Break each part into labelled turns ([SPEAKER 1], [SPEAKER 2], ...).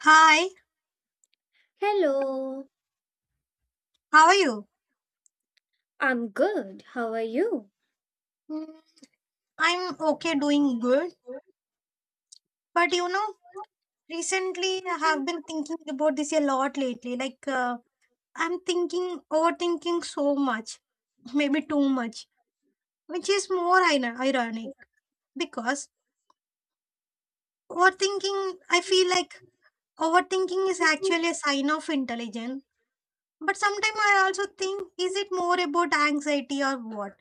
[SPEAKER 1] Hi,
[SPEAKER 2] Hello,
[SPEAKER 1] how are you?
[SPEAKER 2] I'm good. How are you?
[SPEAKER 1] Mm, I'm okay, doing good. But you know, recently I have been thinking about this a lot lately. I'm overthinking so much, maybe too much, which is more ironic because overthinking, I feel like overthinking is actually a sign of intelligence. But sometimes I also think, is it more about anxiety or what?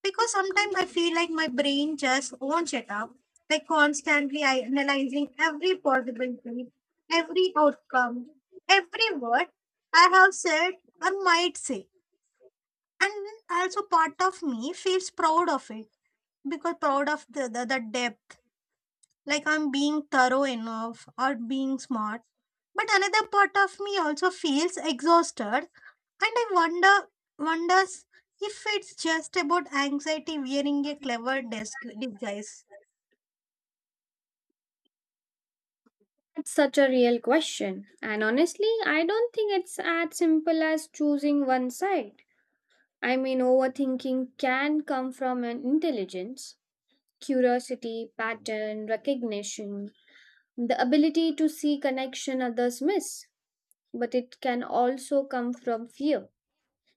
[SPEAKER 1] Because sometimes I feel like my brain just won't shut up. Like constantly I analyzing every possibility, every outcome, every word I have said or might say. And also part of me feels proud of it because proud of the depth. Like I'm being thorough enough or being smart. But another part of me also feels exhausted and I wonders if it's just about anxiety wearing a clever desk device.
[SPEAKER 2] That's such a real question. And honestly, I don't think it's as simple as choosing one side. I mean, overthinking can come from an intelligence, curiosity, pattern, recognition, the ability to see connection others miss. But it can also come from fear.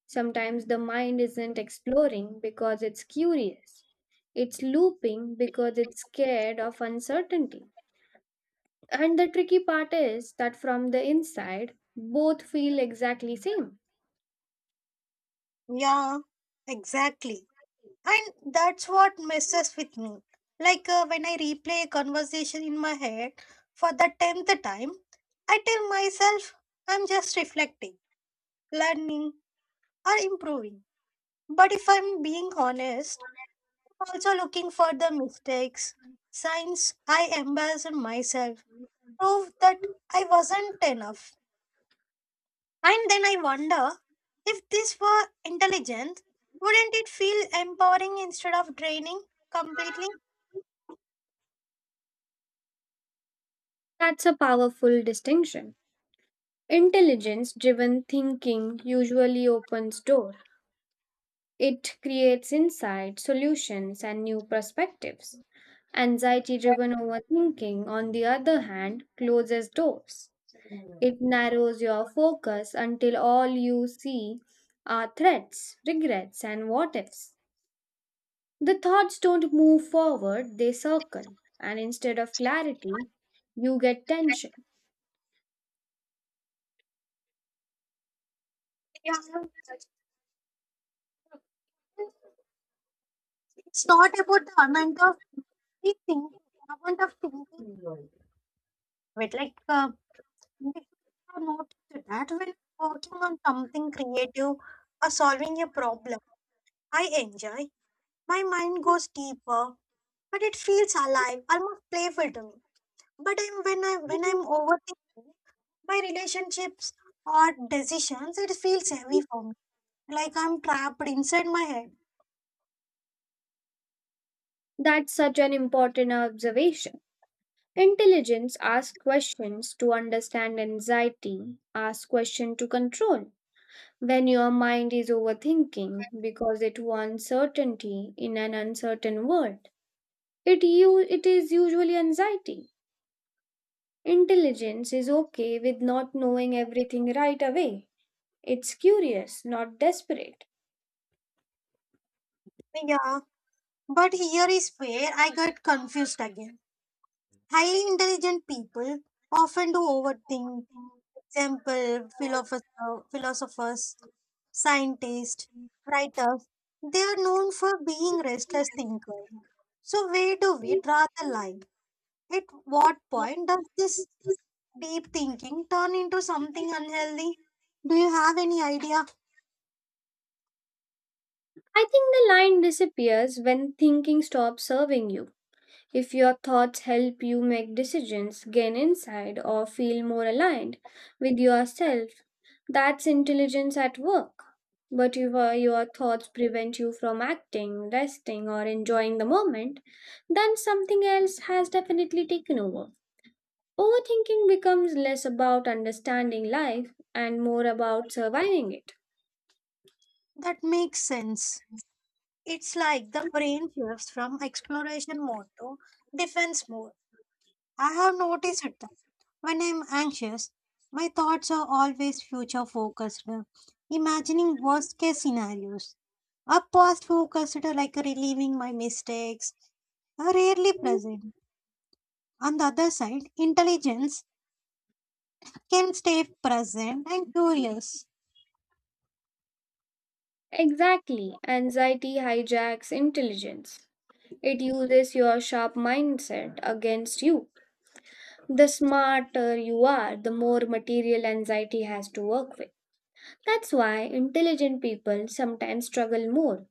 [SPEAKER 2] Sometimes the mind isn't exploring because it's curious. It's looping because it's scared of uncertainty. And the tricky part is that from the inside, both feel exactly same.
[SPEAKER 1] Yeah, exactly. And that's what messes with me. When I replay a conversation in my head for the tenth time, I tell myself I'm just reflecting, learning, or improving. But if I'm being honest, I'm also looking for the mistakes, signs I embarrassed myself, prove that I wasn't enough. And then I wonder if this were intelligence, wouldn't it feel empowering instead of draining completely?
[SPEAKER 2] That's a powerful distinction. Intelligence driven thinking usually opens door. It creates insight, solutions and new perspectives. Anxiety driven overthinking on the other hand closes doors. It narrows your focus until all you see are threats, regrets and what ifs. The thoughts don't move forward, they circle. And instead of clarity, you get tension.
[SPEAKER 1] Yeah, it's not about the amount of we amount of thinking. But we have noticed that when working on something creative or solving a problem, I enjoy. My mind goes deeper, but it feels alive, almost playful to me. But when I'm overthinking my relationships or decisions, it feels heavy for me. Like I'm trapped inside my head.
[SPEAKER 2] That's such an important observation. Intelligence asks questions to understand anxiety, asks questions to control. When your mind is overthinking because it wants certainty in an uncertain world, it is usually anxiety. Intelligence is okay with not knowing everything right away. It's curious, not desperate.
[SPEAKER 1] Yeah, but here is where I get confused again. Highly intelligent people often do overthink. Example, philosophers, scientists, writers, they are known for being restless thinkers. So where do we draw the line? At what point does this deep thinking turn into something unhealthy? Do you have any idea?
[SPEAKER 2] I think the line disappears when thinking stops serving you. If your thoughts help you make decisions, gain insight, or feel more aligned with yourself, that's intelligence at work. But if your thoughts prevent you from acting, resting, or enjoying the moment, then something else has definitely taken over. Overthinking becomes less about understanding life and more about surviving it.
[SPEAKER 1] That makes sense. It's like the brain shifts from exploration mode to defense mode. I have noticed it. When I'm anxious, my thoughts are always future focused, imagining worst case scenarios. A past focused, like relieving my mistakes, are rarely present. On the other side, intelligence can stay present and curious.
[SPEAKER 2] Exactly. Anxiety hijacks intelligence. It uses your sharp mindset against you. The smarter you are, the more material anxiety has to work with. That's why intelligent people sometimes struggle more.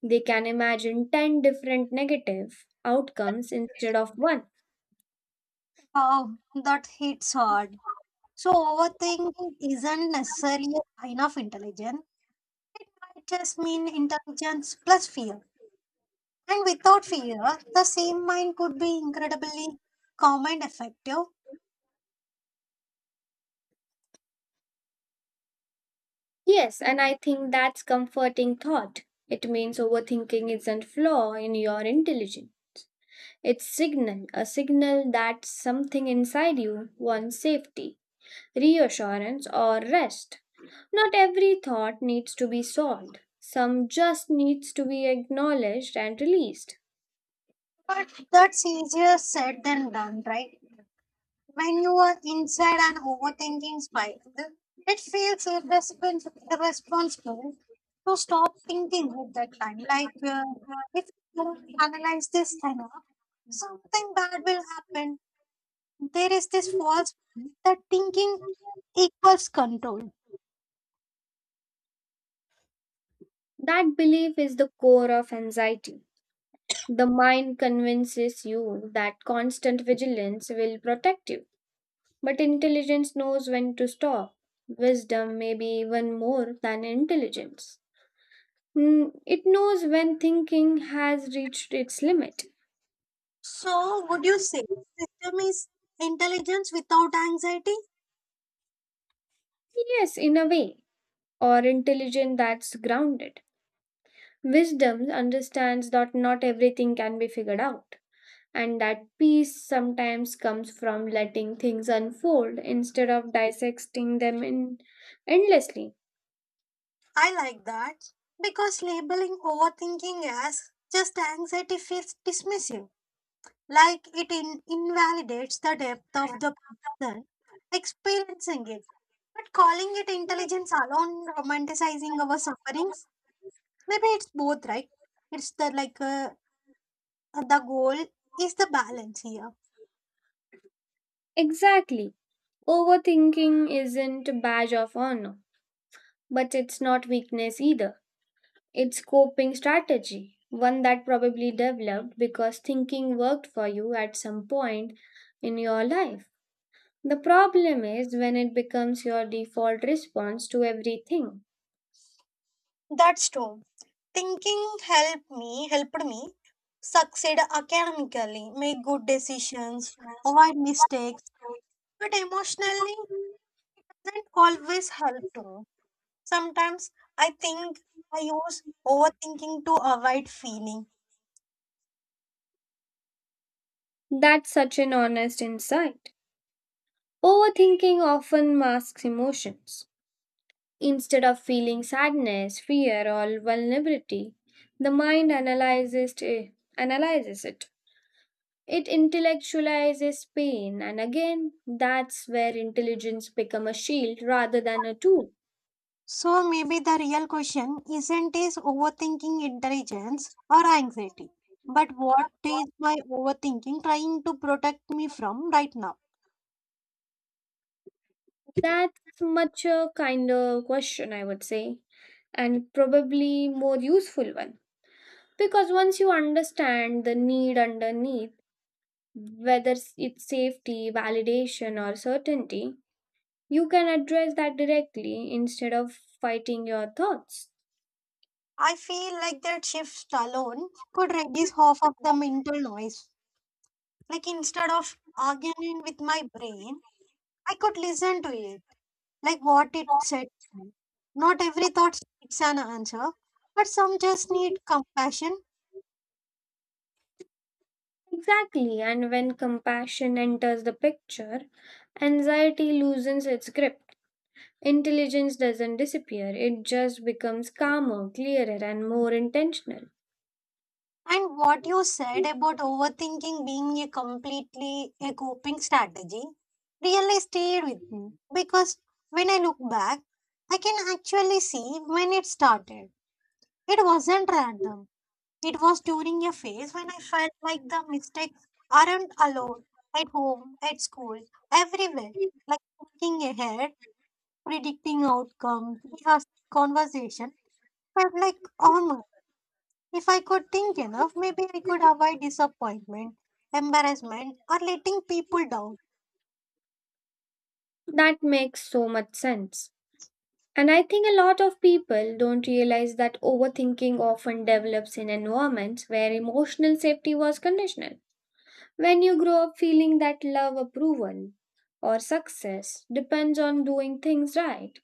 [SPEAKER 2] They can imagine 10 different negative outcomes instead of one.
[SPEAKER 1] Wow, that hits hard. So overthinking isn't necessarily a sign of intelligence. It just mean intelligence plus fear. And without fear, the same mind could be incredibly calm and effective.
[SPEAKER 2] Yes, and I think that's comforting thought. It means overthinking isn't flaw in your intelligence. It's signal, a signal that something inside you wants safety, reassurance or rest. Not every thought needs to be solved. Some just needs to be acknowledged and released.
[SPEAKER 1] But that's easier said than done, right? When you are inside an overthinking spiral, it feels irresponsible to stop thinking at that time. If you don't analyze this enough, something bad will happen. There is this false belief that thinking equals control.
[SPEAKER 2] That belief is the core of anxiety. The mind convinces you that constant vigilance will protect you, but intelligence knows when to stop. Wisdom may be even more than intelligence. Mm, it knows when thinking has reached its limit.
[SPEAKER 1] So, would you say system is intelligence without anxiety?
[SPEAKER 2] Yes, in a way, or intelligence that's grounded. Wisdom understands that not everything can be figured out, and that peace sometimes comes from letting things unfold instead of dissecting them in endlessly.
[SPEAKER 1] I like that because labeling overthinking as just anxiety feels dismissive, like it invalidates the depth of the person experiencing it. But calling it intelligence alone, romanticizing our sufferings, maybe it's both, right? It's the goal is the balance here.
[SPEAKER 2] Exactly. Overthinking isn't a badge of honor, but it's not weakness either. It's coping strategy, one that probably developed because thinking worked for you at some point in your life. The problem is when it becomes your default response to everything.
[SPEAKER 1] That's true. Thinking helped me succeed academically, make good decisions, avoid mistakes, but emotionally doesn't always help too. Sometimes I think I use overthinking to avoid feeling.
[SPEAKER 2] That's such an honest insight. Overthinking often masks emotions. Instead of feeling sadness, fear, or vulnerability, the mind analyzes it. It intellectualizes pain, and again, that's where intelligence become a shield rather than a tool.
[SPEAKER 1] So maybe the real question isn't is overthinking intelligence or anxiety, but what is my overthinking trying to protect me from right now?
[SPEAKER 2] That's much a kinder question, I would say, and probably more useful one. Because once you understand the need underneath, whether it's safety, validation, or certainty, you can address that directly instead of fighting your thoughts.
[SPEAKER 1] I feel like that shift alone could reduce half of the mental noise. Like instead of arguing with my brain, I could listen to it, like what it said to me. Not every thought needs an answer, but some just need compassion.
[SPEAKER 2] Exactly, and when compassion enters the picture, anxiety loosens its grip. Intelligence doesn't disappear, it just becomes calmer, clearer, and more intentional.
[SPEAKER 1] And what you said about overthinking being a completely a coping strategy really stayed with me because when I look back, I can actually see when it started. It wasn't random. It was during a phase when I felt like the mistakes aren't alone at home, at school, everywhere. Like thinking ahead, predicting outcomes, rehearsing conversation felt like homework. If I could think enough, maybe I could avoid disappointment, embarrassment, or letting people down.
[SPEAKER 2] That makes so much sense. And I think a lot of people don't realize that overthinking often develops in environments where emotional safety was conditional. When you grow up feeling that love, approval, or success depends on doing things right,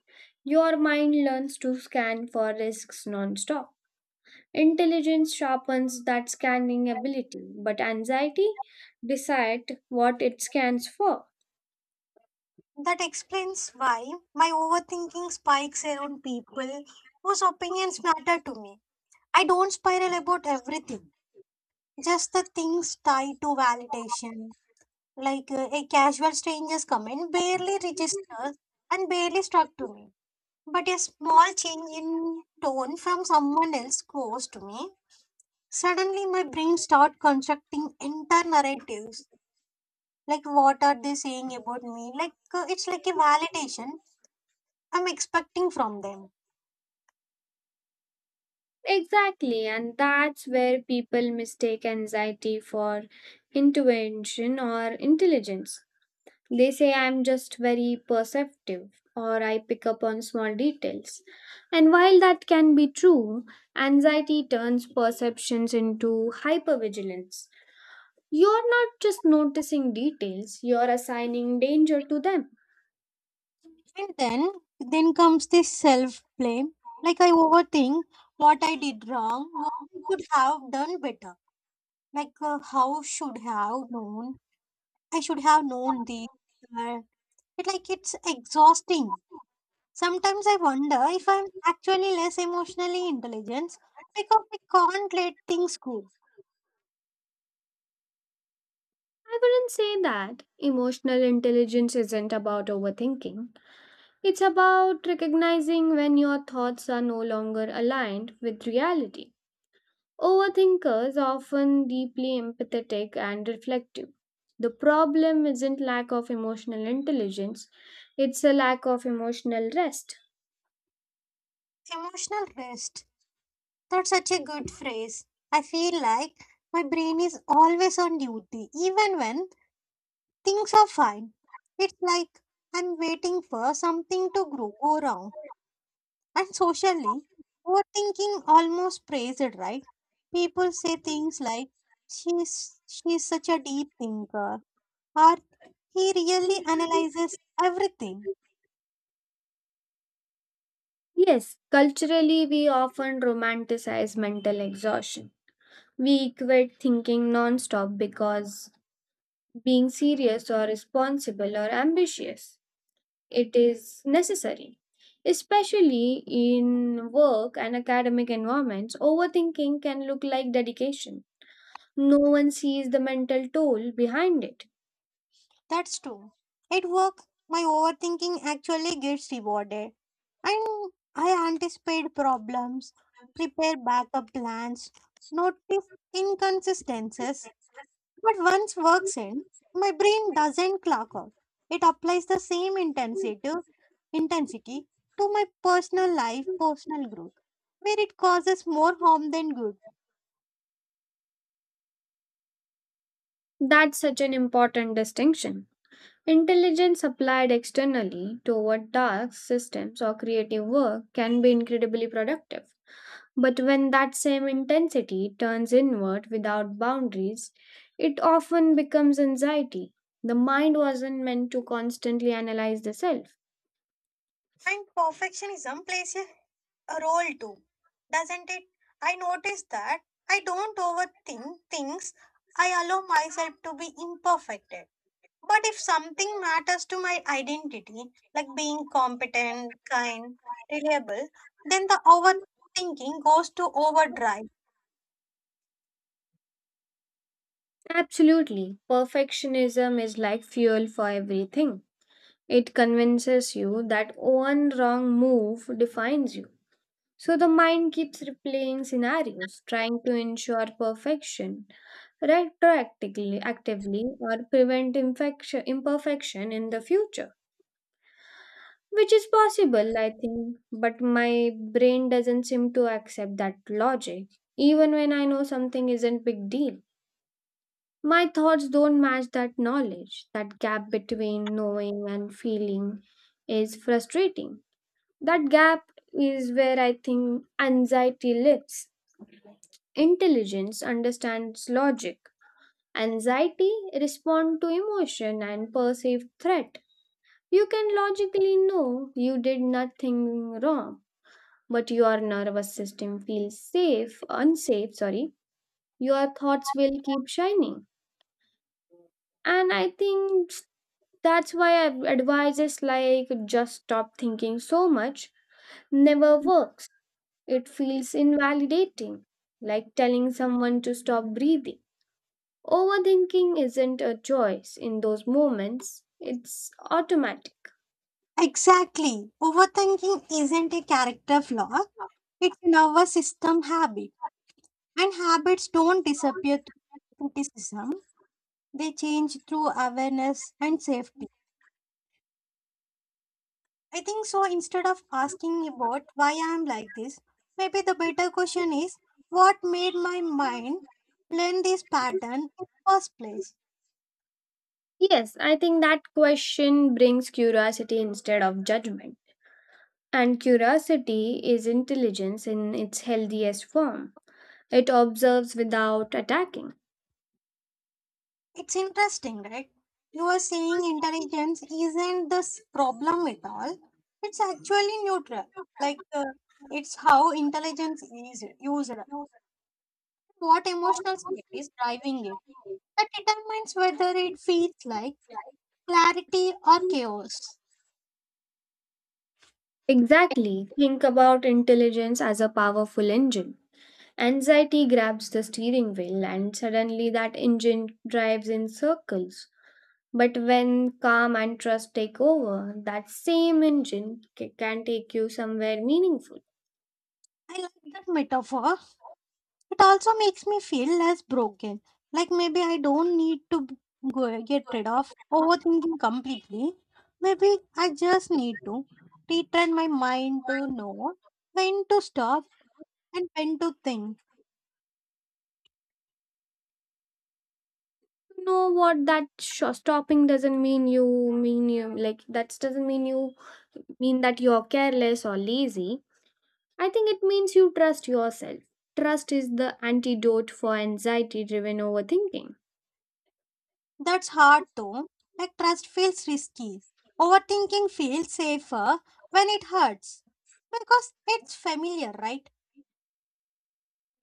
[SPEAKER 2] your mind learns to scan for risks nonstop. Intelligence sharpens that scanning ability, but anxiety decides what it scans for.
[SPEAKER 1] That explains why my overthinking spikes around people whose opinions matter to me. I don't spiral about everything. Just the things tied to validation, a casual stranger's comment barely registers and barely struck to me. But a small change in tone from someone else close to me, suddenly my brain starts constructing entire narratives. Like, what are they saying about me? It's like a validation I'm expecting from them.
[SPEAKER 2] Exactly, and that's where people mistake anxiety for intuition or intelligence. They say I'm just very perceptive or I pick up on small details. And while that can be true, anxiety turns perceptions into hypervigilance. You're not just noticing details, you're assigning danger to them.
[SPEAKER 1] And then comes this self blame. Like I overthink what I did wrong, what I could have done better. Like how should have known I should have known these uh, it, it's exhausting. Sometimes I wonder if I'm actually less emotionally intelligent because I can't let things go.
[SPEAKER 2] I wouldn't say that emotional intelligence isn't about overthinking. It's about recognizing when your thoughts are no longer aligned with reality. Overthinkers are often deeply empathetic and reflective. The problem isn't lack of emotional intelligence, it's a lack of emotional rest.
[SPEAKER 1] Emotional rest, that's such a good phrase. I feel like my brain is always on duty even when things are fine. It's like I'm waiting for something to grow go wrong. And socially, overthinking almost praised right? People say things like, she's such a deep thinker, or he really analyzes everything.
[SPEAKER 2] Yes, culturally, we often romanticize mental exhaustion. We equate thinking nonstop because being serious or responsible or ambitious it is necessary, especially in work and academic environments overthinking can look like dedication. No one sees the mental toll behind it.
[SPEAKER 1] That's true. At work, my overthinking actually gets rewarded, and I anticipate problems, prepare backup plans, notice inconsistencies. But once work's in, my brain doesn't clock out. It applies the same intensity to my personal life, personal growth, where it causes more harm than good.
[SPEAKER 2] That's such an important distinction. Intelligence applied externally toward tasks, systems, or creative work can be incredibly productive. But when that same intensity turns inward without boundaries, it often becomes anxiety. The mind wasn't meant to constantly analyze the self.
[SPEAKER 1] And perfectionism plays a role too, doesn't it? I notice that I don't overthink things. I allow myself to be imperfect. But if something matters to my identity, like being competent, kind, reliable, then the overthinking goes to overdrive.
[SPEAKER 2] Absolutely. Perfectionism is like fuel for everything. It convinces you that one wrong move defines you. So the mind keeps replaying scenarios, trying to ensure perfection retroactively actively or prevent infection, imperfection in the future, which is possible I think, but my brain doesn't seem to accept that logic, even when I know something isn't big deal, my thoughts don't match that knowledge. That gap between knowing and feeling is frustrating. That gap is where I think anxiety lives. Intelligence understands logic. Anxiety responds to emotion and perceived threat. You can logically know you did nothing wrong, but your nervous system feels safe, unsafe, sorry. Your thoughts will keep shining. And I think that's why advices like just stop thinking so much never works. It feels invalidating, like telling someone to stop breathing. Overthinking isn't a choice in those moments, it's automatic.
[SPEAKER 1] Exactly. Overthinking isn't a character flaw, it's a nervous system habit. And habits don't disappear through criticism, they change through awareness and safety. I think so. Instead of asking about why I am like this, maybe the better question is what made my mind learn this pattern in first place?
[SPEAKER 2] Yes, I think that question brings curiosity instead of judgment. And curiosity is intelligence in its healthiest form. It observes without attacking.
[SPEAKER 1] It's interesting, right? You are saying intelligence isn't this problem at all. It's actually neutral. Like uh, it's how intelligence is used. What emotional state is driving it? That determines whether it feels like clarity or chaos.
[SPEAKER 2] Exactly. Think about intelligence as a powerful engine. Anxiety grabs the steering wheel, and suddenly that engine drives in circles. But when calm and trust take over, that same engine can take you somewhere meaningful.
[SPEAKER 1] I like that metaphor. It also makes me feel less broken. Like maybe I don't need to go get rid of overthinking completely. Maybe I just need to retrain my mind to know when to stop and when to think.
[SPEAKER 2] Know what that stopping doesn't mean you like that doesn't mean you mean that you're careless or lazy. I think it means you trust yourself. Trust is the antidote for anxiety driven overthinking.
[SPEAKER 1] That's hard though. Like trust feels risky. Overthinking feels safer when it hurts because it's familiar, right?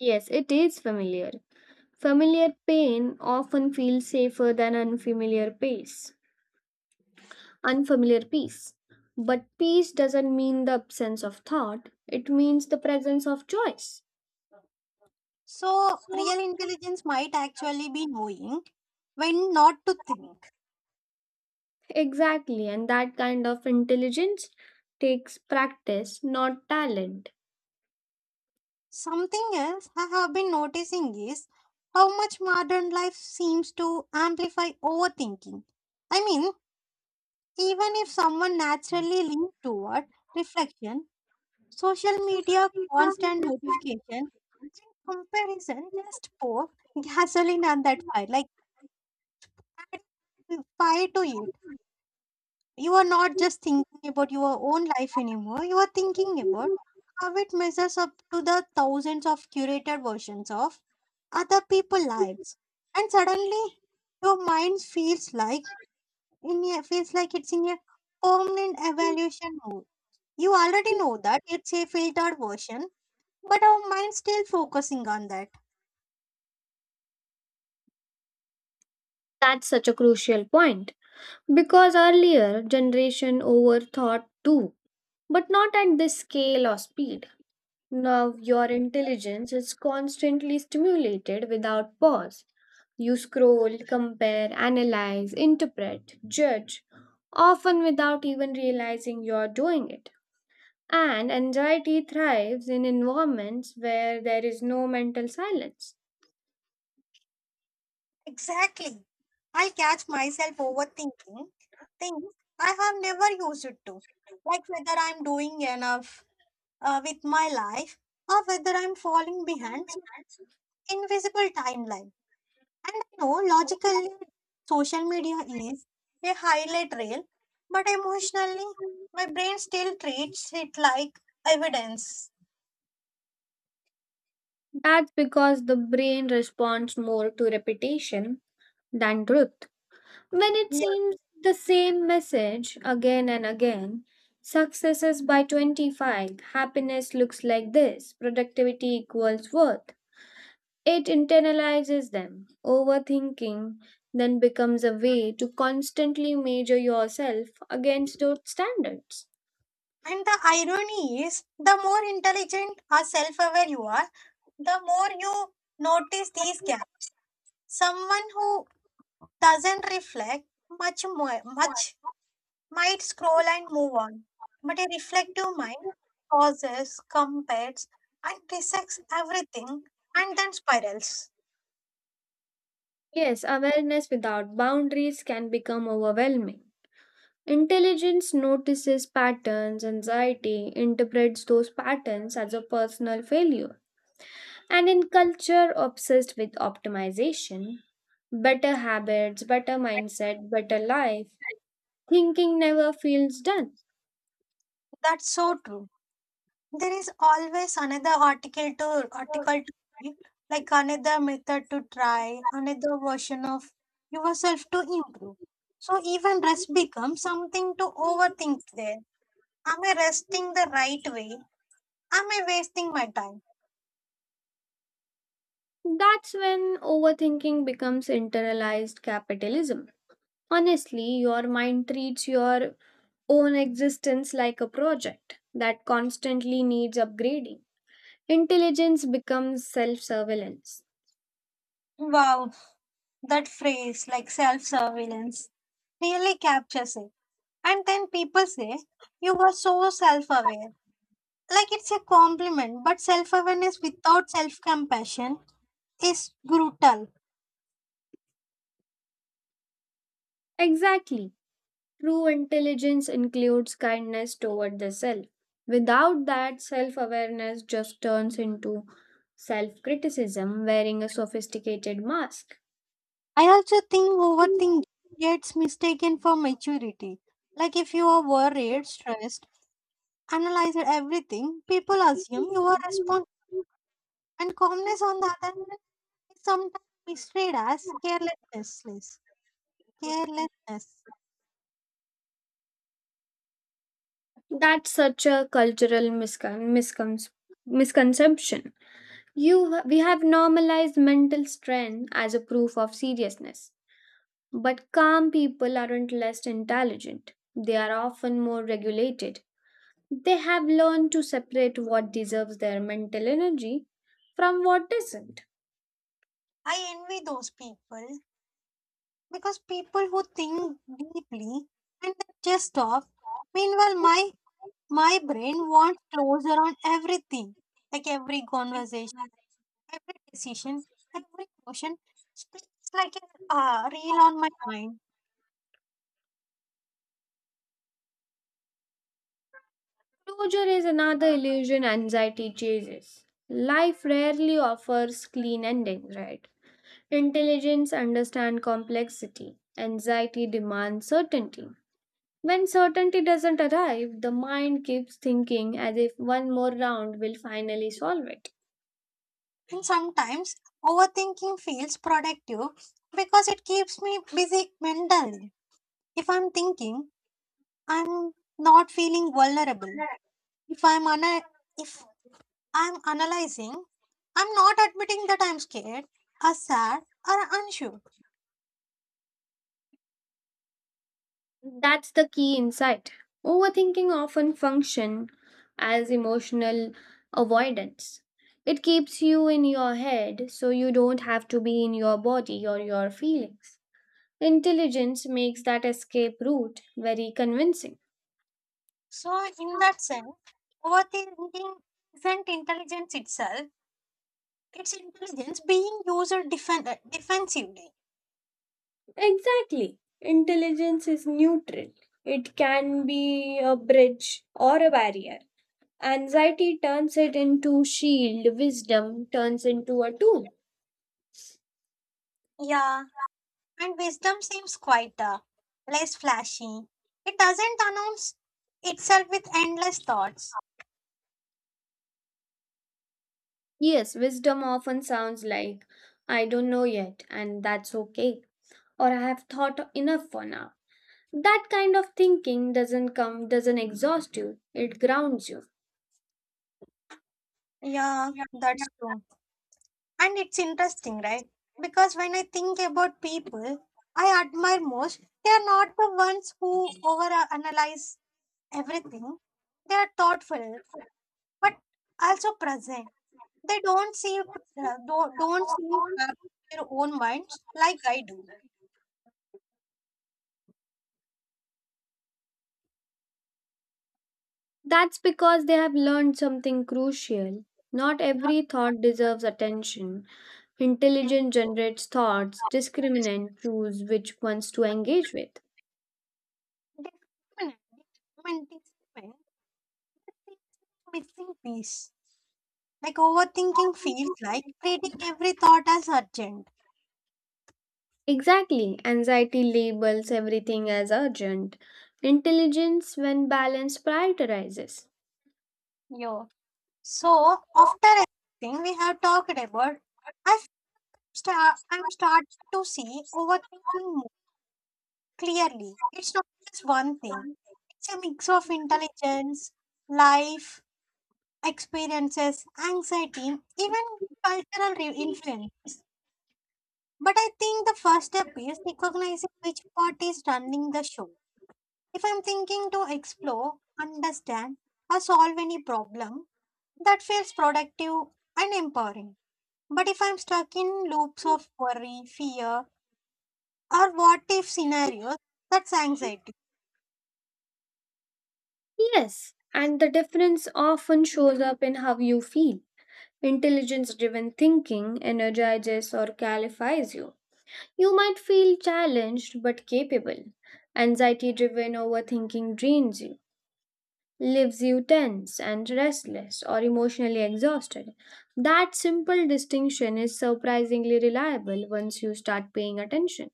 [SPEAKER 2] Yes, it is familiar. Familiar pain often feels safer than unfamiliar pace. Unfamiliar peace. But peace doesn't mean the absence of thought, it means the presence of choice.
[SPEAKER 1] So, real intelligence might actually be knowing when not to think.
[SPEAKER 2] Exactly, and that kind of intelligence takes practice, not talent.
[SPEAKER 1] Something else I have been noticing is how much modern life seems to amplify overthinking. I mean, even if someone naturally leans toward reflection, social media, constant notification, and comparison just pour gasoline on that fire, like add fire to it. You are not just thinking about your own life anymore, you are thinking about how it measures up to the thousands of curated versions of other people's lives. And suddenly your mind feels like feels like it's in a permanent evaluation mode. You already know that it's a filtered version, but our mind's still focusing on that.
[SPEAKER 2] That's such a crucial point because earlier generation overthought too, but not at this scale or speed. Now your intelligence is constantly stimulated without pause. You scroll, compare, analyze, interpret, judge, often without even realizing you're doing it. And anxiety thrives in environments where there is no mental silence.
[SPEAKER 1] Exactly. I catch myself overthinking things I have never used it to. Like whether I'm doing enough, with my life or whether I'm falling behind some invisible timeline. And I know logically social media is a highlight reel, but emotionally my brain still treats it like evidence.
[SPEAKER 2] That's because the brain responds more to repetition than truth. When it
[SPEAKER 1] Yeah.
[SPEAKER 2] seems the same message again and again, successes by 25, happiness looks like this, productivity equals worth. It internalizes them. Overthinking then becomes a way to constantly measure yourself against those standards.
[SPEAKER 1] And the irony is the more intelligent or self aware you are, the more you notice these gaps. Someone who doesn't reflect much might scroll and move on, but a reflective mind pauses, compares, and dissects everything and then spirals.
[SPEAKER 2] Yes, awareness without boundaries can become overwhelming. Intelligence notices patterns, anxiety interprets those patterns as a personal failure. And in culture obsessed with optimization, better habits, better mindset, better life, thinking never feels done.
[SPEAKER 1] That's so true. There is always another article to read, like another method to try, another version of yourself to improve. So even rest becomes something to overthink there. Am I resting the right way? Am I wasting my time?
[SPEAKER 2] That's when overthinking becomes internalized capitalism. Honestly, your mind treats your own existence like a project that constantly needs upgrading. Intelligence becomes self surveillance.
[SPEAKER 1] Wow, that phrase, like self surveillance, really captures it. And then people say, you were so self aware. Like it's a compliment, but self awareness without self compassion is brutal.
[SPEAKER 2] Exactly. True intelligence includes kindness toward the self. Without that, self awareness just turns into self criticism wearing a sophisticated mask.
[SPEAKER 1] I also think overthinking gets mistaken for maturity. Like if you are worried, stressed, analyze everything, people assume you are responsible. And calmness, on the other hand, is sometimes misread as carelessness.
[SPEAKER 2] That's such a cultural misconception. We have normalized mental strain as a proof of seriousness. But calm people aren't less intelligent, they are often more regulated. They have learned to separate what deserves their mental energy from what doesn't.
[SPEAKER 1] I envy those people because people who think deeply and they just stop. Meanwhile, my brain wants closure on everything, like every conversation, every decision, every question. It's like a reel on my mind.
[SPEAKER 2] Closure is another illusion anxiety chases. Life rarely offers clean endings, right? Intelligence understands complexity. Anxiety demands certainty. When certainty doesn't arrive, the mind keeps thinking as if one more round will finally solve it.
[SPEAKER 1] And sometimes overthinking feels productive because it keeps me busy mentally. If I'm thinking, I'm not feeling vulnerable. If I'm una- if I'm analyzing, I'm not admitting that I'm scared, or sad, or unsure.
[SPEAKER 2] That's the key insight. Overthinking often function as emotional avoidance. It keeps you in your head so you don't have to be in your body or your feelings. Intelligence makes that escape route very convincing.
[SPEAKER 1] So, in that sense, overthinking isn't intelligence itself, it's intelligence being used defensively.
[SPEAKER 2] Exactly. Intelligence is neutral. It can be a bridge or a barrier. Anxiety turns it into shield, wisdom turns into a tool.
[SPEAKER 1] Yeah, and wisdom seems quieter, less flashy. It doesn't announce itself with endless thoughts.
[SPEAKER 2] Yes, wisdom often sounds like, I don't know yet, and that's okay, or I have thought enough for now. That kind of thinking doesn't exhaust you, it grounds you.
[SPEAKER 1] Yeah, that's true. And it's interesting, right? Because when I think about people I admire most, they are not the ones who overanalyze everything. They are thoughtful, but also present. They don't seem to have their own minds like I do.
[SPEAKER 2] That's because they have learned something crucial. Not every thought deserves attention. Intelligence generates thoughts, discriminant choose which ones to engage with.
[SPEAKER 1] Discriminate, discriminate, is the missing piece. Like overthinking feels like treating every thought as urgent.
[SPEAKER 2] Exactly, anxiety labels everything as urgent. Intelligence, when balanced, prioritizes.
[SPEAKER 1] Yeah. So after everything we have talked about, I I'm starting to see overthinking more clearly. It's not just one thing. It's a mix of intelligence, life, experiences, anxiety, even influence. But I think the first step is recognizing which part is running the show. If I'm thinking to explore, understand, or solve any problem, that feels productive and empowering. But if I'm stuck in loops of worry, fear, or what if scenarios, that's anxiety.
[SPEAKER 2] Yes, and the difference often shows up in how you feel. Intelligence driven thinking energizes or qualifies you. You might feel challenged but capable. Anxiety driven overthinking drains you, leaves you tense and restless or emotionally exhausted. That simple distinction is surprisingly reliable once you start paying attention.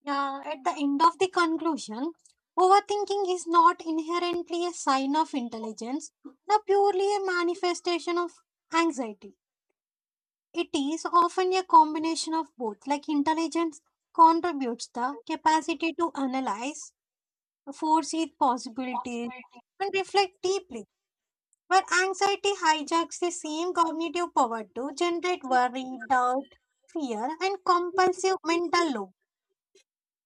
[SPEAKER 1] Yeah, at the end of the conclusion, overthinking is not inherently a sign of intelligence, nor purely a manifestation of anxiety. It is often a combination of both, like intelligence contributes the capacity to analyze, foresee possibilities, and reflect deeply. But anxiety hijacks the same cognitive power to generate worry, doubt, fear, and compulsive mental loop.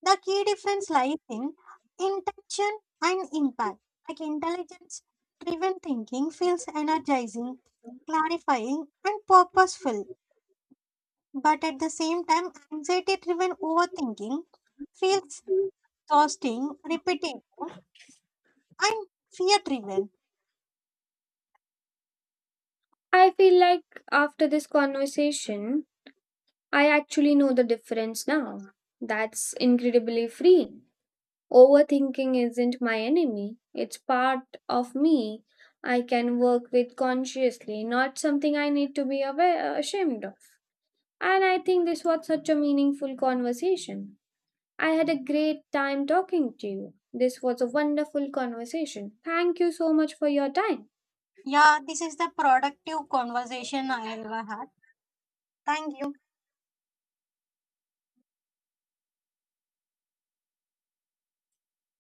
[SPEAKER 1] The key difference lies in intention and impact. Like intelligence driven thinking feels energizing, clarifying, and purposeful. But at the same time, anxiety driven overthinking feels exhausting, repetitive, and fear driven.
[SPEAKER 2] I feel like after this conversation, I actually know the difference now. That's incredibly freeing. Overthinking isn't my enemy, it's part of me I can work with consciously, not something I need to be aware, ashamed of. And I think this was such a meaningful conversation. I had a great time talking to you. This was a wonderful conversation. Thank you so much for your time.
[SPEAKER 1] Yeah, this is the productive conversation I ever had. Thank you.